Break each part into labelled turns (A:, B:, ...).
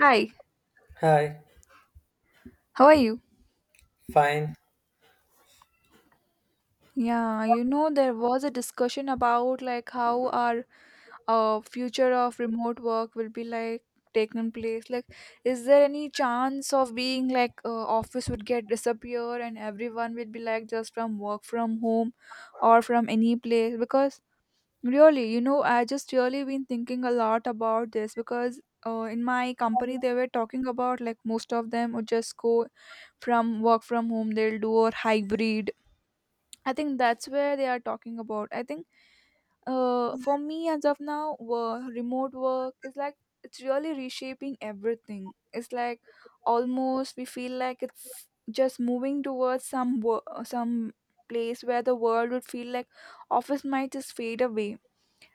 A: Hi,
B: Hi,
A: how are you?
B: fine.
A: Yeah, there was a discussion about like how our future of remote work will be like taken place. Like, is there any chance of being like office would get disappear and everyone will be like just from work from home or from any place? Because really, I just really been thinking a lot about this because in my company they were talking about like most of them would just go from work from home they'll do or hybrid I think that's where they are talking about. I think for me as of now, remote work is like it's really reshaping everything. It's like almost we feel like it's just moving towards some place where the world would feel like office might just fade away.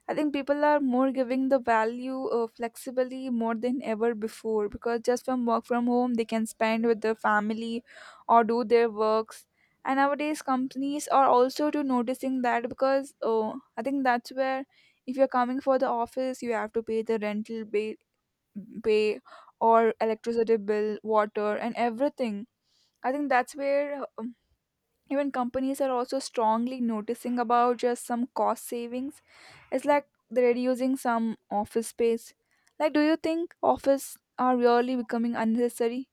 A: I think people are more giving the value of flexibility more than ever before because just from work from home they can spend with their family or do their works. And nowadays companies are also to noticing that because oh, I think that's where if you're coming for the office you have to pay the rental pay, pay or electricity bill, water and everything. I think that's where even companies are also strongly noticing about just some cost savings, it's like they're reducing some office space. Like, do you think office are really becoming unnecessary?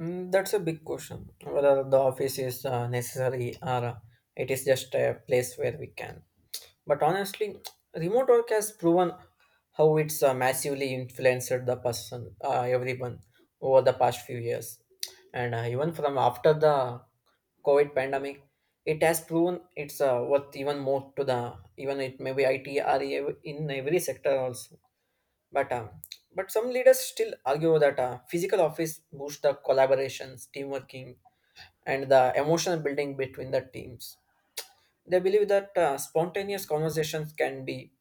B: Mm, that's a big question. Whether the office is necessary or it is just a place where we can. But honestly, remote work has proven how it's massively influenced the person, everyone, over the past few years. And even from after the COVID pandemic, it has proven it's worth even more to the even it may be IT or in every sector also. But um, but some leaders still argue that physical office boosts the collaborations, teamworking, and the emotional building between the teams. They believe that spontaneous conversations can be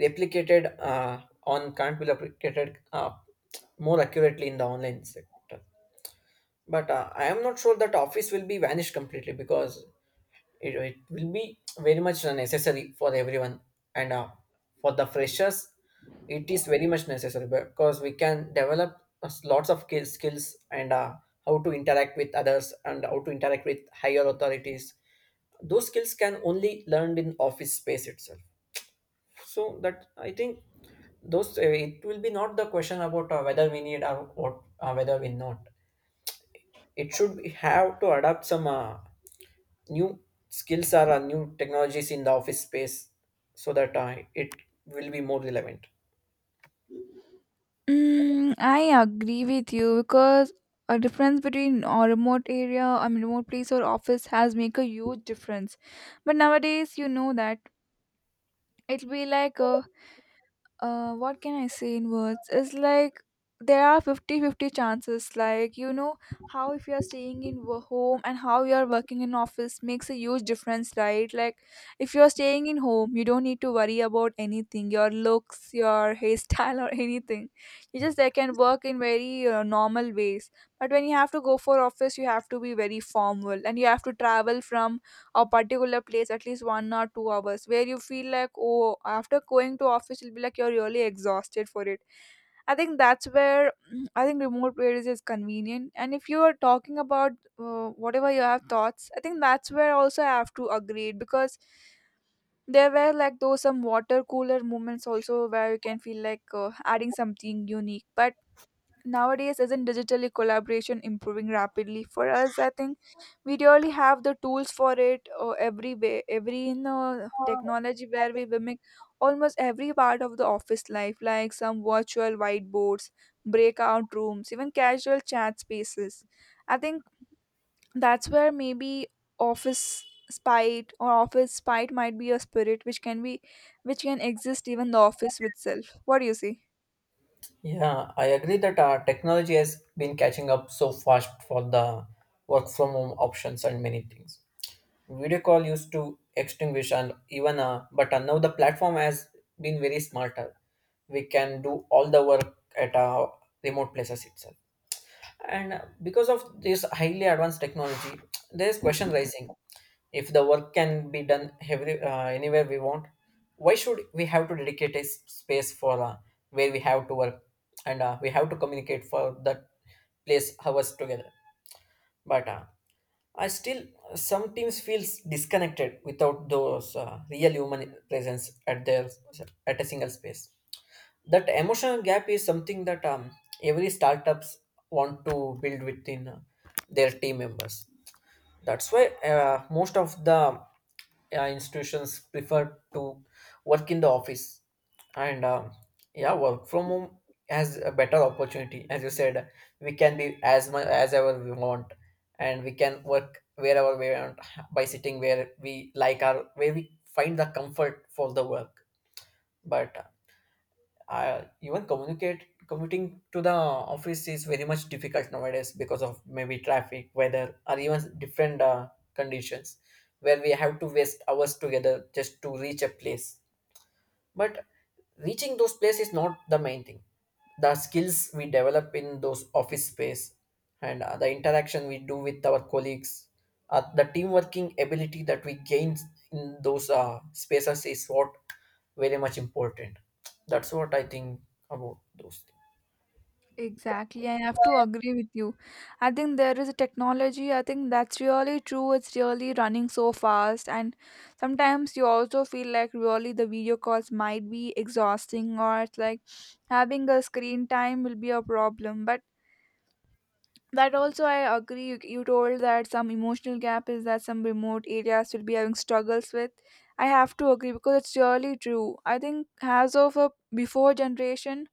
B: replicated on can't be replicated more accurately in the online sector. But I am not sure that office will be vanished completely because it will be very much necessary for everyone and for the freshers it is very much necessary because we can develop us lots of skills and how to interact with others and how to interact with higher authorities, those skills can only learned in office space itself. So that I think those it will be not the question about whether we need or what whether we not, it have to adapt some new skills are new technologies in the office space, so that it will be more relevant.
A: Mm, I agree with you because a difference between a remote area, I mean, remote place or office has make a huge difference. But nowadays, you know that it'll be like a what can I say in words? Is like there are fifty-fifty chances. Like, you know, how if you're staying in home and how you're working in office makes a huge difference, right? Like, if you're staying in home, you don't need to worry about anything, your looks, your hairstyle, or anything. You just like, can work in very normal ways. But when you have to go for office, you have to be very formal and you have to travel from a particular place at least 1 or 2 hours where you feel like oh after going to office you'll be like you're really exhausted for it. I think that's where mm, I think remote areas is convenient. And if you are talking about whatever you have thoughts, I think that's where also I have to agree it, because there were like those some water cooler moments also where you can feel like adding something unique. But nowadays isn't digitally collaboration improving rapidly for us? I think we really have the tools for it, every way, every technology where we mimic almost every part of the office life like some virtual whiteboards, breakout rooms, even casual chat spaces. I think that's where maybe office spite or office spite might be a spirit which can be which can exist even the office itself. What do you see?
B: Yeah, I agree that technology has been catching up so fast for the work from home options and many things. Video call used to extinguish and even but now the platform has been very smarter. We can do all the work at our remote places itself, and because of this highly advanced technology there is question rising. If the work can be done anywhere we want, why should we have to dedicate a space for where we have to work and we have to communicate for that place hours together? But I still, some teams feels disconnected without those real human presence at their at a single space. That emotional gap is something that every startups want to build within their team members. That's why most of the, yeah, institutions prefer to work in the office. And um, yeah work from home has a better opportunity. As you said, we can be as much as ever we want and we can work wherever we want, by sitting where we like our where we find the comfort for the work. But even communicate commuting to the office is very much difficult nowadays because of maybe traffic, weather, or even different conditions where we have to waste hours together just to reach a place. But reaching those places is not the main thing. The skills we develop in those office space and the interaction we do with our colleagues, the team working ability that we gain in those spaces is what very much important. That's what I think about those things.
A: Exactly, I have to agree with you. I think there is a technology, I think that's really true. It's really running so fast, and sometimes you also feel like really the video calls might be exhausting, or it's like having a screen time will be a problem. But that also, I agree. You told that some emotional gap is that some remote areas will be having struggles with. I have to agree because it's really true. I think as of a before generation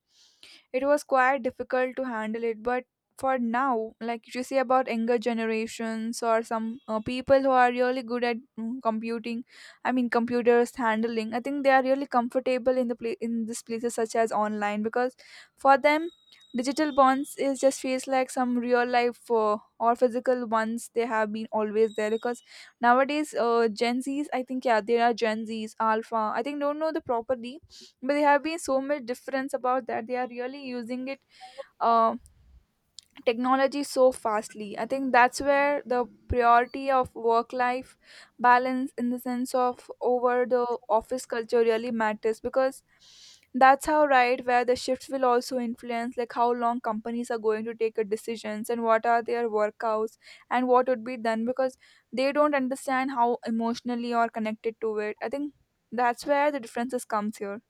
A: it was quite difficult to handle it, but for now like if you see about younger generations or some people who are really good at computing, I mean computers handling, I think they are really comfortable in the in these places such as online because for them digital bonds is just feels like some real life or physical ones they have been always there because nowadays Gen Z's, I think, yeah there are Gen Z's Alpha, I think don't know the properly, but there have been so much difference about that they are really using it uh, technology so fastly. I think that's where the priority of work life balance in the sense of over the office culture really matters because that's how right where the shifts will also influence like how long companies are going to take a decisions and what are their workouts and what would be done because they don't understand how emotionally or connected to it. I think that's where the differences comes here.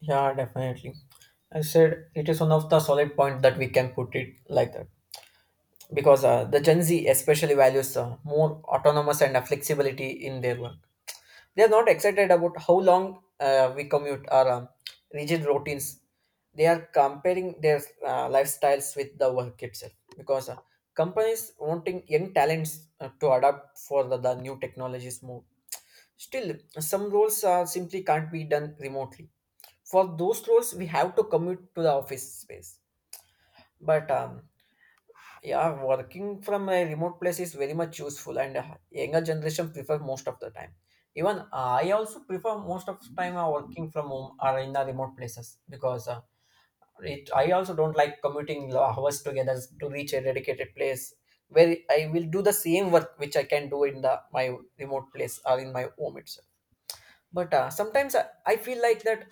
B: Yeah, definitely. I said it is one of the solid point that we can put it like that, because the Gen Z especially values more autonomous and flexibility in their work. They are not excited about how long we commute or rigid routines. They are comparing their lifestyles with the work itself, because companies wanting young talents to adapt for the new technologies more. Still, some roles simply can't be done remotely. For those roles, we have to commute to the office space. But yeah, working from a remote place is very much useful, and younger generation prefer most of the time. Even I also prefer most of the time working from home or in the remote places because it. I also don't like commuting hours together to reach a dedicated place where I will do the same work which I can do in the my remote place or in my home itself. But sometimes I feel like that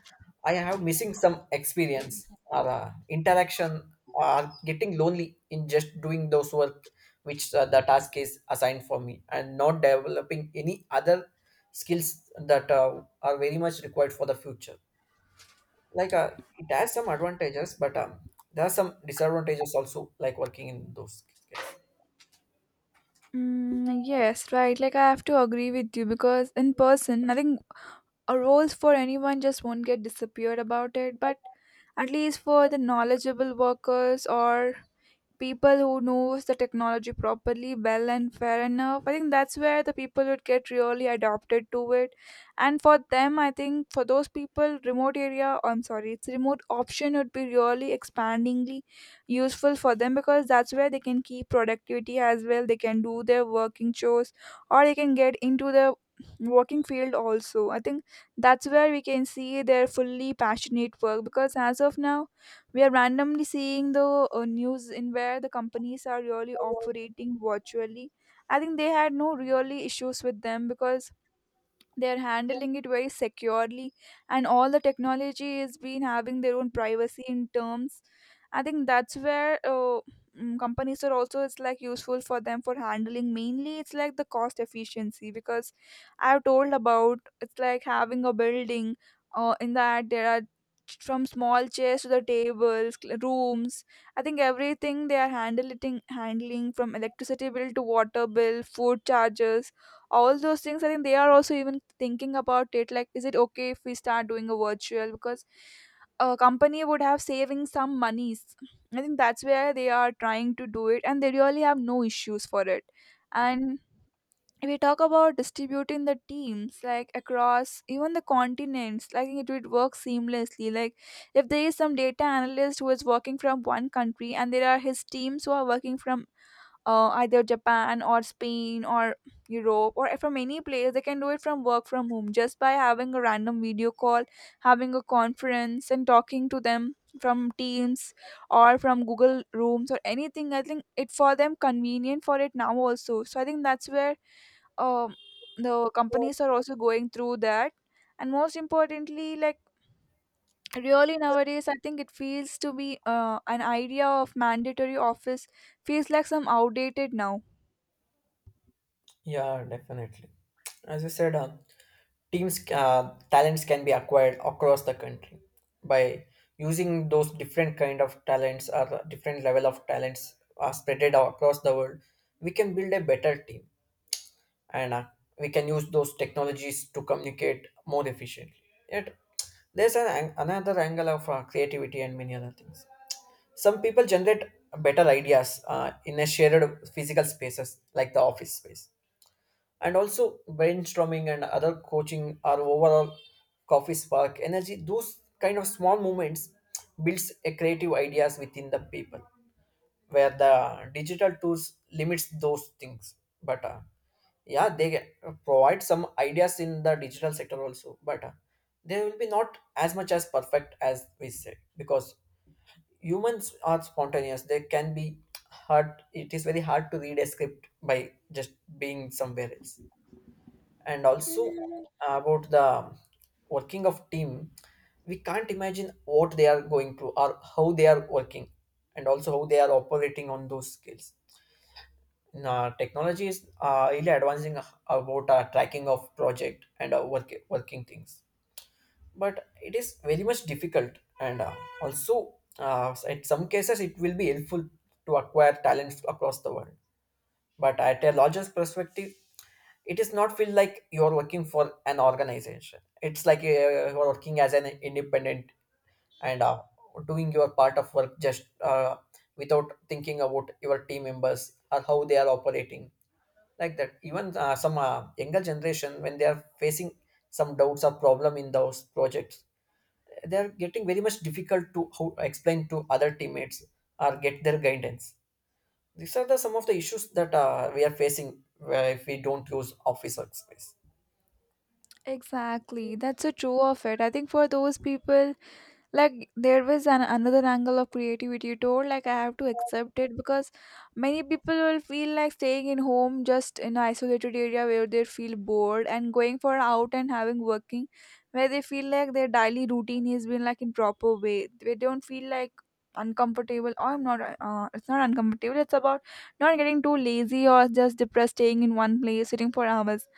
B: I have missing some experience or interaction or getting lonely in just doing those work which the task is assigned for me, and not developing any other skills that are very much required for the future. like uh, it has some advantages, but there are some disadvantages also, like working in those cases.
A: Mm, yes, right. Like I have to agree with you because in person, nothing A roles for anyone just won't get disappeared about it. But at least for the knowledgeable workers or people who knows the technology properly well and fair enough, I think that's where the people would get really adopted to it. And for them, I think for those people, remote area, I'm sorry, it's remote option would be really expandingly useful for them because that's where they can keep productivity as well, they can do their working chores or they can get into the working field also. I think that's where we can see their fully passionate work because as of now we are randomly seeing the news in where the companies are really operating virtually. I think they had no really issues with them because they are handling it very securely, and all the technology is been having their own privacy in terms. I think that's where companies are also it's like useful for them for handling, mainly it's like the cost efficiency because I've told about it's like having a building in that there are from small chairs to the tables rooms. I think everything they are handling from electricity bill to water bill, food charges, all those things. I think they are also even thinking about it like is it okay if we start doing a virtual because a company would have saving some monies. I think that's where they are trying to do it and they really have no issues for it. And if we talk about distributing the teams like across even the continents, like it would work seamlessly. Like, if there is some data analyst who is working from one country and there are his teams who are working from either Japan or Spain or Europe or from any place. They can do it from work from home just by having a random video call, having a conference, and talking to them from Teams or from Google Rooms or anything. I think it for them convenient for it now also. So I think that's where um, the companies are also going through that, and most importantly, like really nowadays I think it feels to be an idea of mandatory office feels like some outdated now.
B: Yeah, definitely. As you said, teams talents can be acquired across the country by using those different kind of talents or the different level of talents are spread out across the world. We can build a better team, and we can use those technologies to communicate more efficiently. Yet, there's another angle of creativity and many other things. Some people generate better ideas in a shared physical spaces like the office space, and also brainstorming and other coaching our overall coffee spark energy, those kind of small moments builds a creative ideas within the people, where the digital tools limits those things. But yeah they get- provide some ideas in the digital sector also, but they will be not as much as perfect as we say, because humans are spontaneous. They can be hard. It is very hard to read a script by just being somewhere else. And also about the working of team, we can't imagine what they are going through or how they are working, and also how they are operating on those skills. Now, technology is really advancing about tracking of project and working things, but it is very much difficult. And also in some cases it will be helpful to acquire talents across the world, but at a larger perspective, it is not feel like you're working for an organization. It's like you're working as an independent, and doing your part of work just without thinking about your team members or how they are operating, like that. Even some younger generation, when they are facing some doubts or problem in those projects, they are getting very much difficult to explain to other teammates or get their guidance. These are the some of the issues that we are facing, where if we don't use office workspace.
A: Exactly. That's so true of it. I think for those people, like there was an another angle of creativity you told, like I have to accept it because many people will feel like staying in home just in an isolated area where they feel bored and going for out and having working where they feel like their daily routine has been like in proper way, they don't feel like uncomfortable, or I'm not it's not uncomfortable, it's about not getting too lazy or just depressed staying in one place sitting for hours.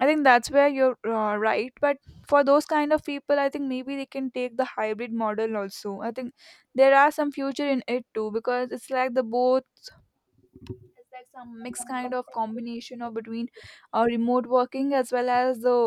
A: I think that's where you're right. But for those kind of people, I think maybe they can take the hybrid model also. I think there are some future in it too because it's like the both, it's like some mixed kind of combination of between remote working as well as the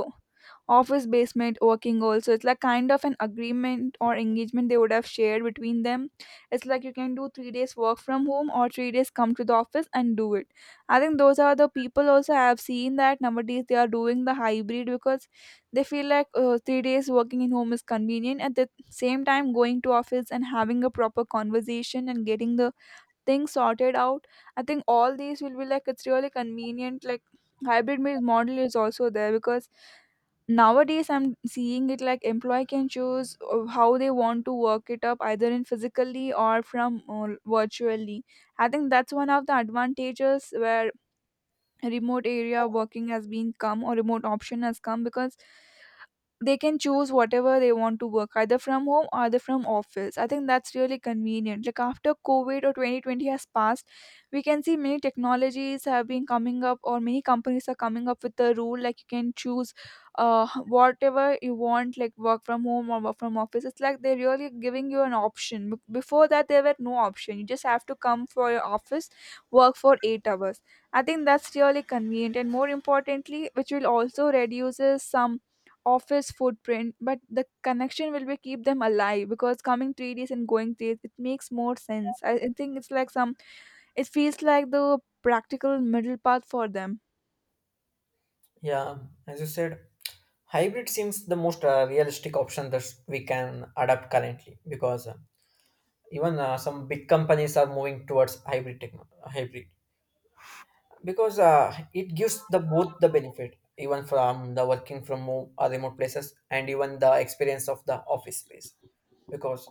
A: office basement working also. It's like kind of an agreement or engagement they would have shared between them. It's like you can do 3 days work from home or 3 days come to the office and do it. I think those are the people also I have seen that nowadays they are doing the hybrid because they feel like 3 days working in home is convenient at the same time going to office and having a proper conversation and getting the things sorted out. I think all these will be like it's really convenient. Like, hybrid means model is also there because nowadays I'm seeing it like employee can choose how they want to work it up either in physically or from virtually. I think that's one of the advantages where remote area working has been come or remote option has come because they can choose whatever they want to work either from home or either from office. I think that's really convenient like after COVID or 2020 has passed we can see many technologies have been coming up or many companies are coming up with the rule like you can choose uh whatever you want like work from home or work from office. It's like they're really giving you an option. Before that there were no option, you just have to come for your office, work for 8 hours. I think that's really convenient, and more importantly which will also reduces some office footprint, but the connection will be keep them alive because coming 3 days and going 3 days, it makes more sense. I think it's like some, it feels like the practical middle path for them.
B: Yeah, as you said, hybrid seems the most realistic option that we can adapt currently, because even some big companies are moving towards hybrid, because it gives the both the benefit, even from the working from home or remote places and even the experience of the office space. Because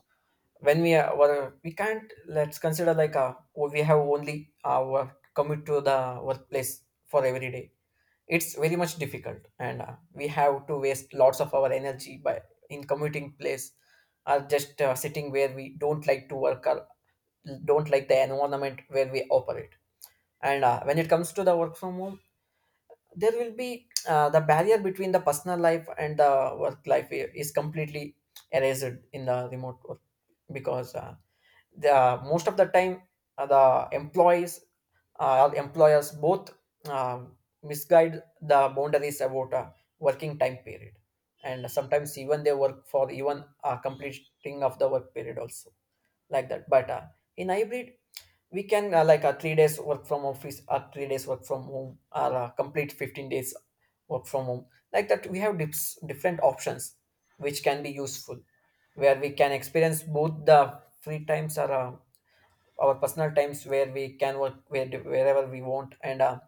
B: when we are well, we can't, let's consider like we have only our commute to the workplace for every day, it's very much difficult and we have to waste lots of our energy by in commuting place, or just sitting where we don't like to work or don't like the environment where we operate. And when it comes to the work from home, there will be the barrier between the personal life and the work life is completely erased in the remote work, because the most of the time, the employees employers both misguide the boundaries about a working time period, and sometimes even they work for even completing of the work period also, like that. But in hybrid we can like a 3 days work from office or 3 days work from home, or complete 15 days work from home. Like that we have different options which can be useful, where we can experience both the free times or our personal times where we can work wherever we want. And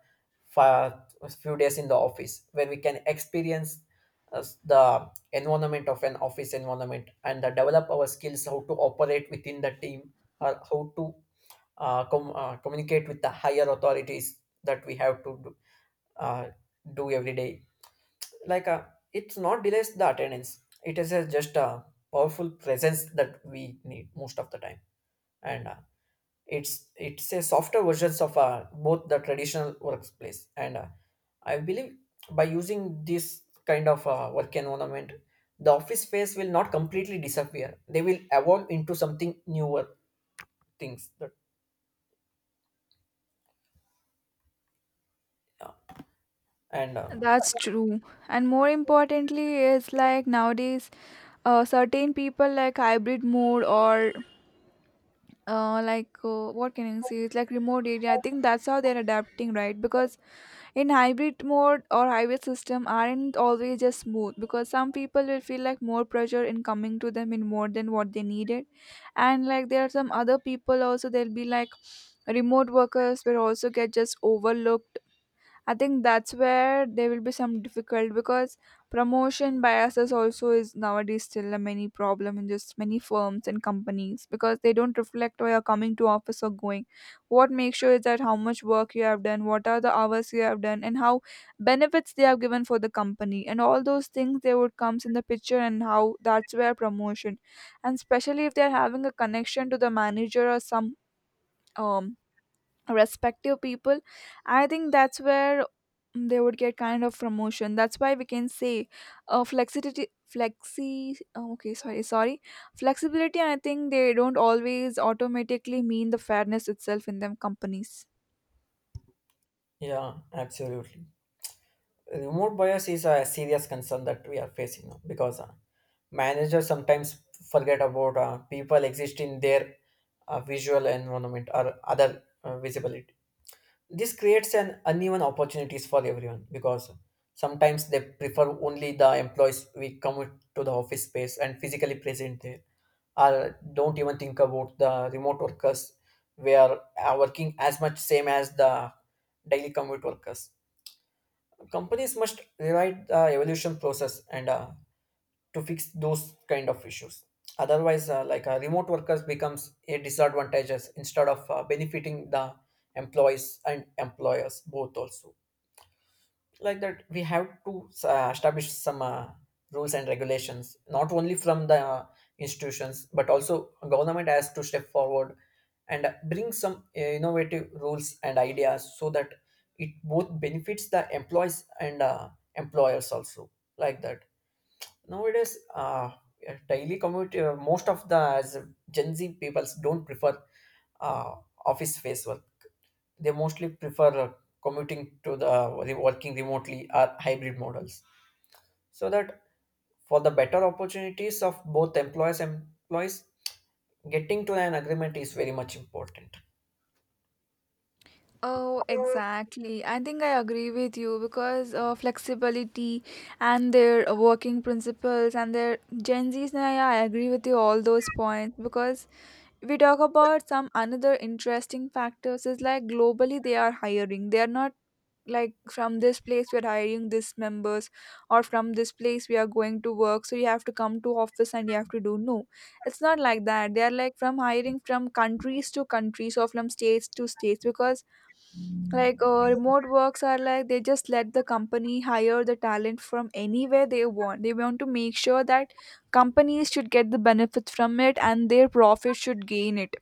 B: for a few days in the office where we can experience the environment of an office environment, and develop our skills how to operate within the team, or how to communicate with the higher authorities that we have to do, uh, do every day. Like it's not delays the attendance, it is a, just a powerful presence that we need most of the time. And it's a softer versions of both the traditional workplace, and I believe by using this kind of work environment, the office space will not completely disappear. They will evolve into something newer things that, and
A: That's true. And more importantly is like nowadays, certain people like hybrid mode or what can I say? It's like remote area. I think that's how they're adapting, right? Because in hybrid mode or hybrid system aren't always just smooth, because some people will feel like more pressure in coming to them in more than what they needed, and like there are some other people also, they'll be like remote workers will also get just overlooked. I think that's where there will be some difficult, because promotion biases also is nowadays still a many problem in just many firms and companies, because they don't reflect why you're coming to office or going. What makes sure is that how much work you have done, what are the hours you have done, and how benefits they have given for the company, and all those things they would comes in the picture. And how that's where promotion, and especially if they're having a connection to the manager or some um respective people, I think that's where they would get kind of promotion. That's why we can say flexibility, flexi, oh, okay, sorry, sorry, flexibility. And I think they don't always automatically mean the fairness itself in them companies.
B: yeah, absolutely. Remote bias is a serious concern that we are facing now, because managers sometimes forget about people exist in their visual environment or other visibility. This creates an uneven opportunities for everyone, because sometimes they prefer only the employees we come to the office space and physically present there, or don't even think about the remote workers. We are working as much same as the daily commute workers. Companies must rewrite the evolution process, and To fix those kind of issues. Otherwise, remote workers becomes a disadvantages instead of benefiting the employees and employers both also. Like that, we have to establish some rules and regulations, not only from the institutions but also government has to step forward and bring some innovative rules and ideas so that it both benefits the employees and employers also, like that. Nowadays, daily commute, most of the as Gen Z peoples don't prefer uh, office space work. They mostly prefer commuting to the re- working remotely or hybrid models. So that for the better opportunities of both employers and employees, getting to an agreement is very much important.
A: Oh, exactly. I think I agree with you because flexibility and their working principles and their Gen Zs. Now, yeah, I agree with you all those points, because we talk about some another interesting factors is like globally they are hiring. They are not like from this place we are hiring this members, or from this place we are going to work so you have to come to office and you have to do. No, it's not like that. They are like from hiring from countries to countries or from states to states, because like remote works are like they just let the company hire the talent from anywhere they want. They want to make sure that companies should get the benefits from it and their profit should gain it.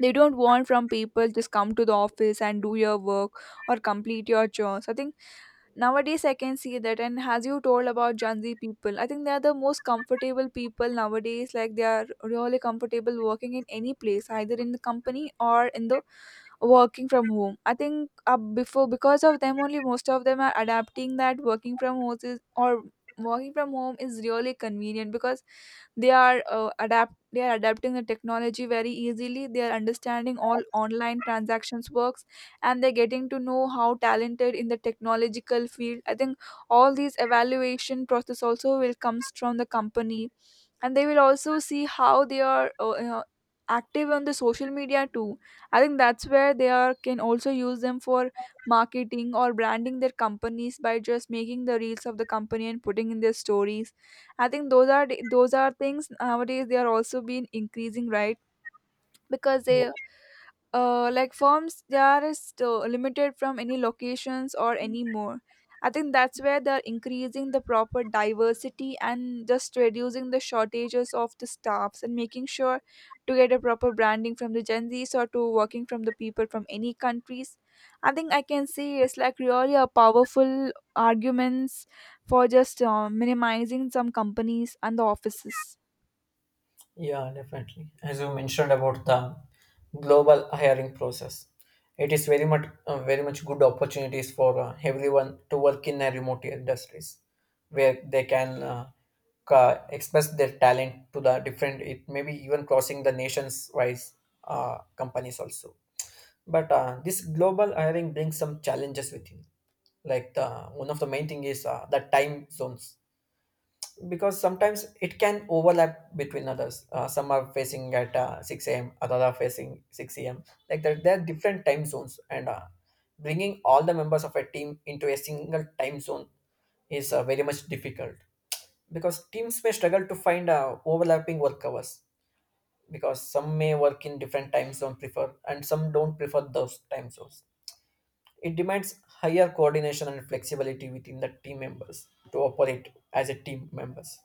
A: They don't want from people just come to the office and do your work or complete your chores, I think. Nowadays, I can see that, and as you told about Gen Z people, I think they are the most comfortable people nowadays. Like they are really comfortable working in any place, either in the company or in the working from home. I think before, because of them only, most of them are adapting that working from home is, or working from home is really convenient, because they are adapt they are adapting the technology very easily. They are understanding all online transactions works, and they're getting to know how talented in the technological field. I think all these evaluation process also will comes from the company, and they will also see how they are active on the social media too. I think that's where they are can also use them for marketing or branding their companies by just making the reels of the company and putting in their stories. I think those are things nowadays they are also been increasing, right? Because they, like firms, they are still limited from any locations or anymore. I think that's where they're increasing the proper diversity and just reducing the shortages of the staffs and making sure to get a proper branding from the Gen Z's or to working from the people from any countries. I think I can say it's like really a powerful arguments for just minimizing some companies and the offices.
B: Yeah, definitely. As you mentioned about the global hiring process, it is very much very much good opportunities for everyone to work in a remote industries where they can express their talent to the different. It maybe even crossing the nations wise companies also. But this global hiring brings some challenges with it. Like the one of the main thing is the time zones, because sometimes it can overlap between others. Some are facing at 6 a.m., others are facing 6 a.m. Like that, there are different time zones, and bringing all the members of a team into a single time zone is very much difficult because teams may struggle to find overlapping work hours, because some may work in different time zone prefer and some don't prefer those time zones. It demands higher coordination and flexibility within the team members to operate as a team members.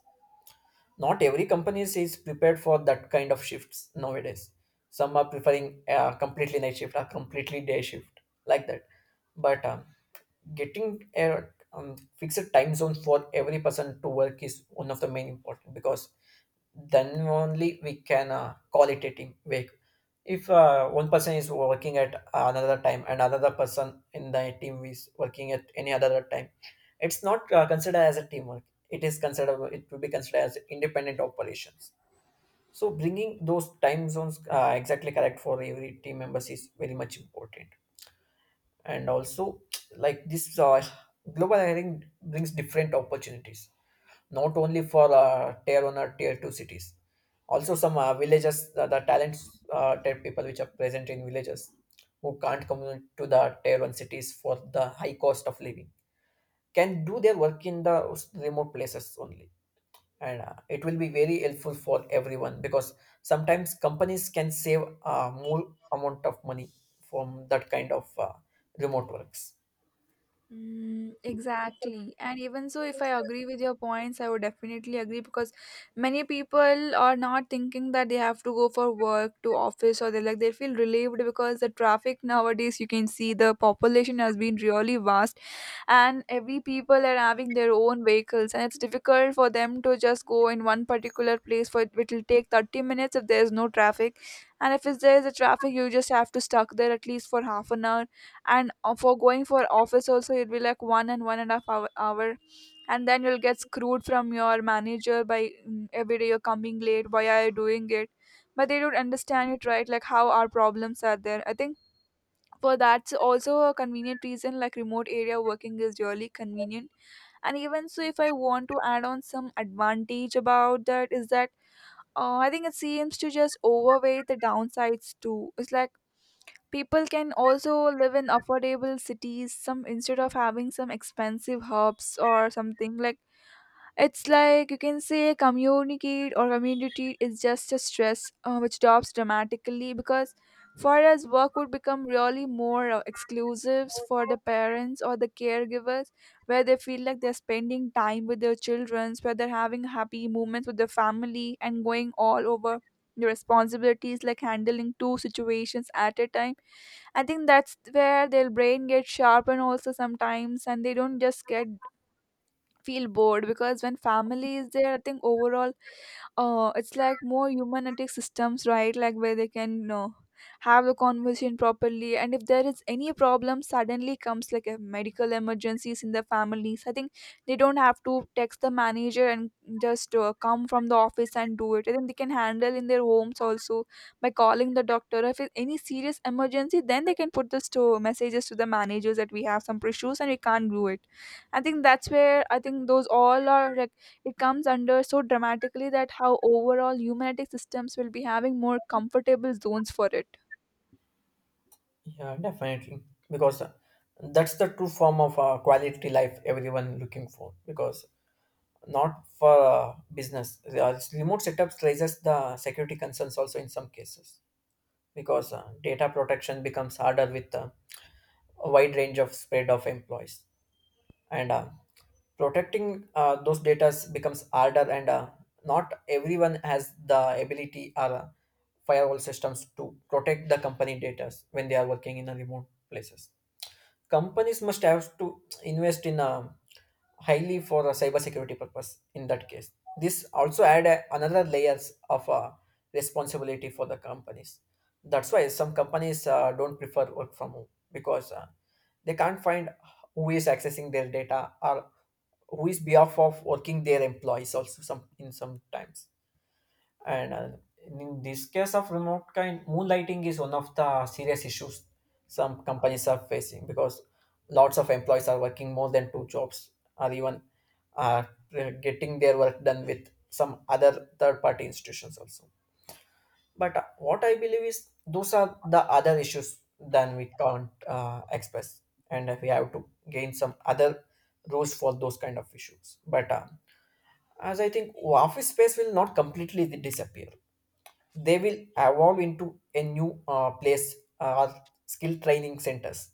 B: Not every company is prepared for that kind of shifts nowadays. Some are preferring completely night shift or completely day shift, like that. But getting a fixed time zone for every person to work is one of the main important, because then only we can call it a team work. If one person is working at another time and another person in the team is working at any other time, it's not considered as a teamwork. It will be considered as independent operations. So bringing those time zones exactly correct for every team members is very much important. And also, like this global hiring brings different opportunities, not only for tier one or tier two cities, also some villages, the talents type people which are present in villages who can't come to the tier one cities for the high cost of living, can do their work in the remote places only. And it will be very helpful for everyone because sometimes companies can save more amount of money from that kind of remote works.
A: Mm, exactly. And even so, if I agree with your points, I would definitely agree, because many people are not thinking that they have to go for work to office, or they like they feel relieved because the traffic nowadays, you can see the population has been really vast and every people are having their own vehicles, and it's difficult for them to just go in one particular place, for it will take 30 minutes if there's no traffic. And if it's- there is a traffic, you just have to stuck there at least for half an hour. And for going for office also, it'll be like one and one and a half hour, hour, and then you'll get screwed from your manager by, mm, every day you're coming late, why are you doing it? But they don't understand it, right? Like how our problems are there, I think. For that's also a convenient reason, like remote area working is really convenient. And even so, if I want to add on some advantage about that, is that I think it seems to just overweigh the downsides too. It's like people can also live in affordable cities, some, instead of having some expensive hubs or something. Like it's like you can say communicate or community is just a stress, which drops dramatically because for us work would become really more exclusives for the parents or the caregivers, where they feel like they're spending time with their children, where they're having happy moments with their family and going all over the responsibilities, like handling two situations at a time. I think that's where their brain gets sharpened also sometimes, and they don't just get feel bored because when family is there, I think overall it's like more humanistic systems, right? Like where they can, you know, have the conversation properly, and if there is any problem suddenly comes, like a medical emergencies in the families, I think they don't have to text the manager and just come from the office and do it. I think they can handle in their homes also by calling the doctor. If it's any serious emergency, then they can put the store messages to the managers that we have some issues and we can't do it. I think that's where, I think those all are, it comes under so dramatically that how overall humanetic systems will be having more comfortable zones for it.
B: Yeah, definitely. Because that's the true form of quality life everyone looking for. Because not for business, remote setups raises the security concerns also in some cases. Because data protection becomes harder with a wide range of spread of employees, and protecting those data becomes harder, and not everyone has the ability or firewall systems to protect the company data when they are working in a remote places. Companies must have to invest in a highly for a cybersecurity purpose in that case. This also add a, another layers of responsibility for the companies. That's why some companies don't prefer work from home, because they can't find who is accessing their data or who is behalf of working their employees also some in some times. And in this case of remote kind, moonlighting is one of the serious issues some companies are facing, because lots of employees are working more than two jobs, or even uh, getting their work done with some other third party institutions also. But what I believe is those are the other issues than we can't express, and we have to gain some other rules for those kind of issues. But as I think, office space will not completely disappear. They will evolve into a new place or skill training centers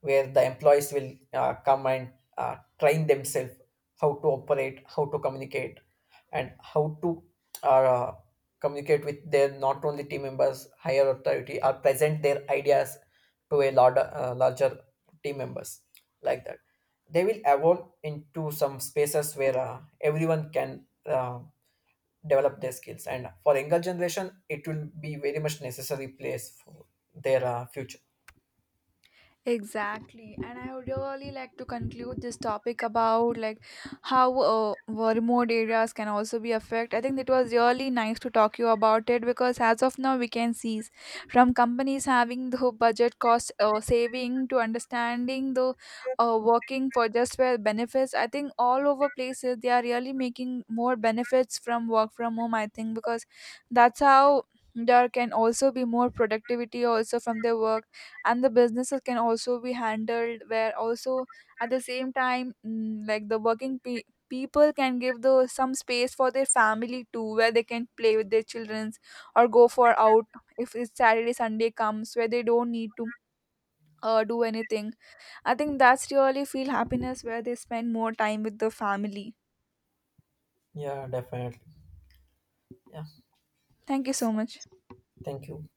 B: where the employees will come and train themselves how to operate, how to communicate, and how to uh, communicate with their not only team members, higher authority, or present their ideas to a larger, larger team members, like that. They will evolve into some spaces where everyone can develop their skills, and for younger generation it will be very much necessary place for their future.
A: Exactly, and I would really like to conclude this topic about like how were remote areas can also be affected. I think it was really nice to talk you about it, because as of now we can see from companies having the budget cost saving to understanding the working for just where benefits. I think all over places they are really making more benefits from work from home. I think because that's how there can also be more productivity also from their work, and the businesses can also be handled where also at the same time, mm, like the people can give the some space for their family too, where they can play with their childrens or go for out if it's Saturday Sunday comes where they don't need to do anything. I think that's really feel happiness where they spend more time with the family.
B: Yeah, definitely. Yeah.
A: Thank you
B: it's,
A: so much.
B: Thank you.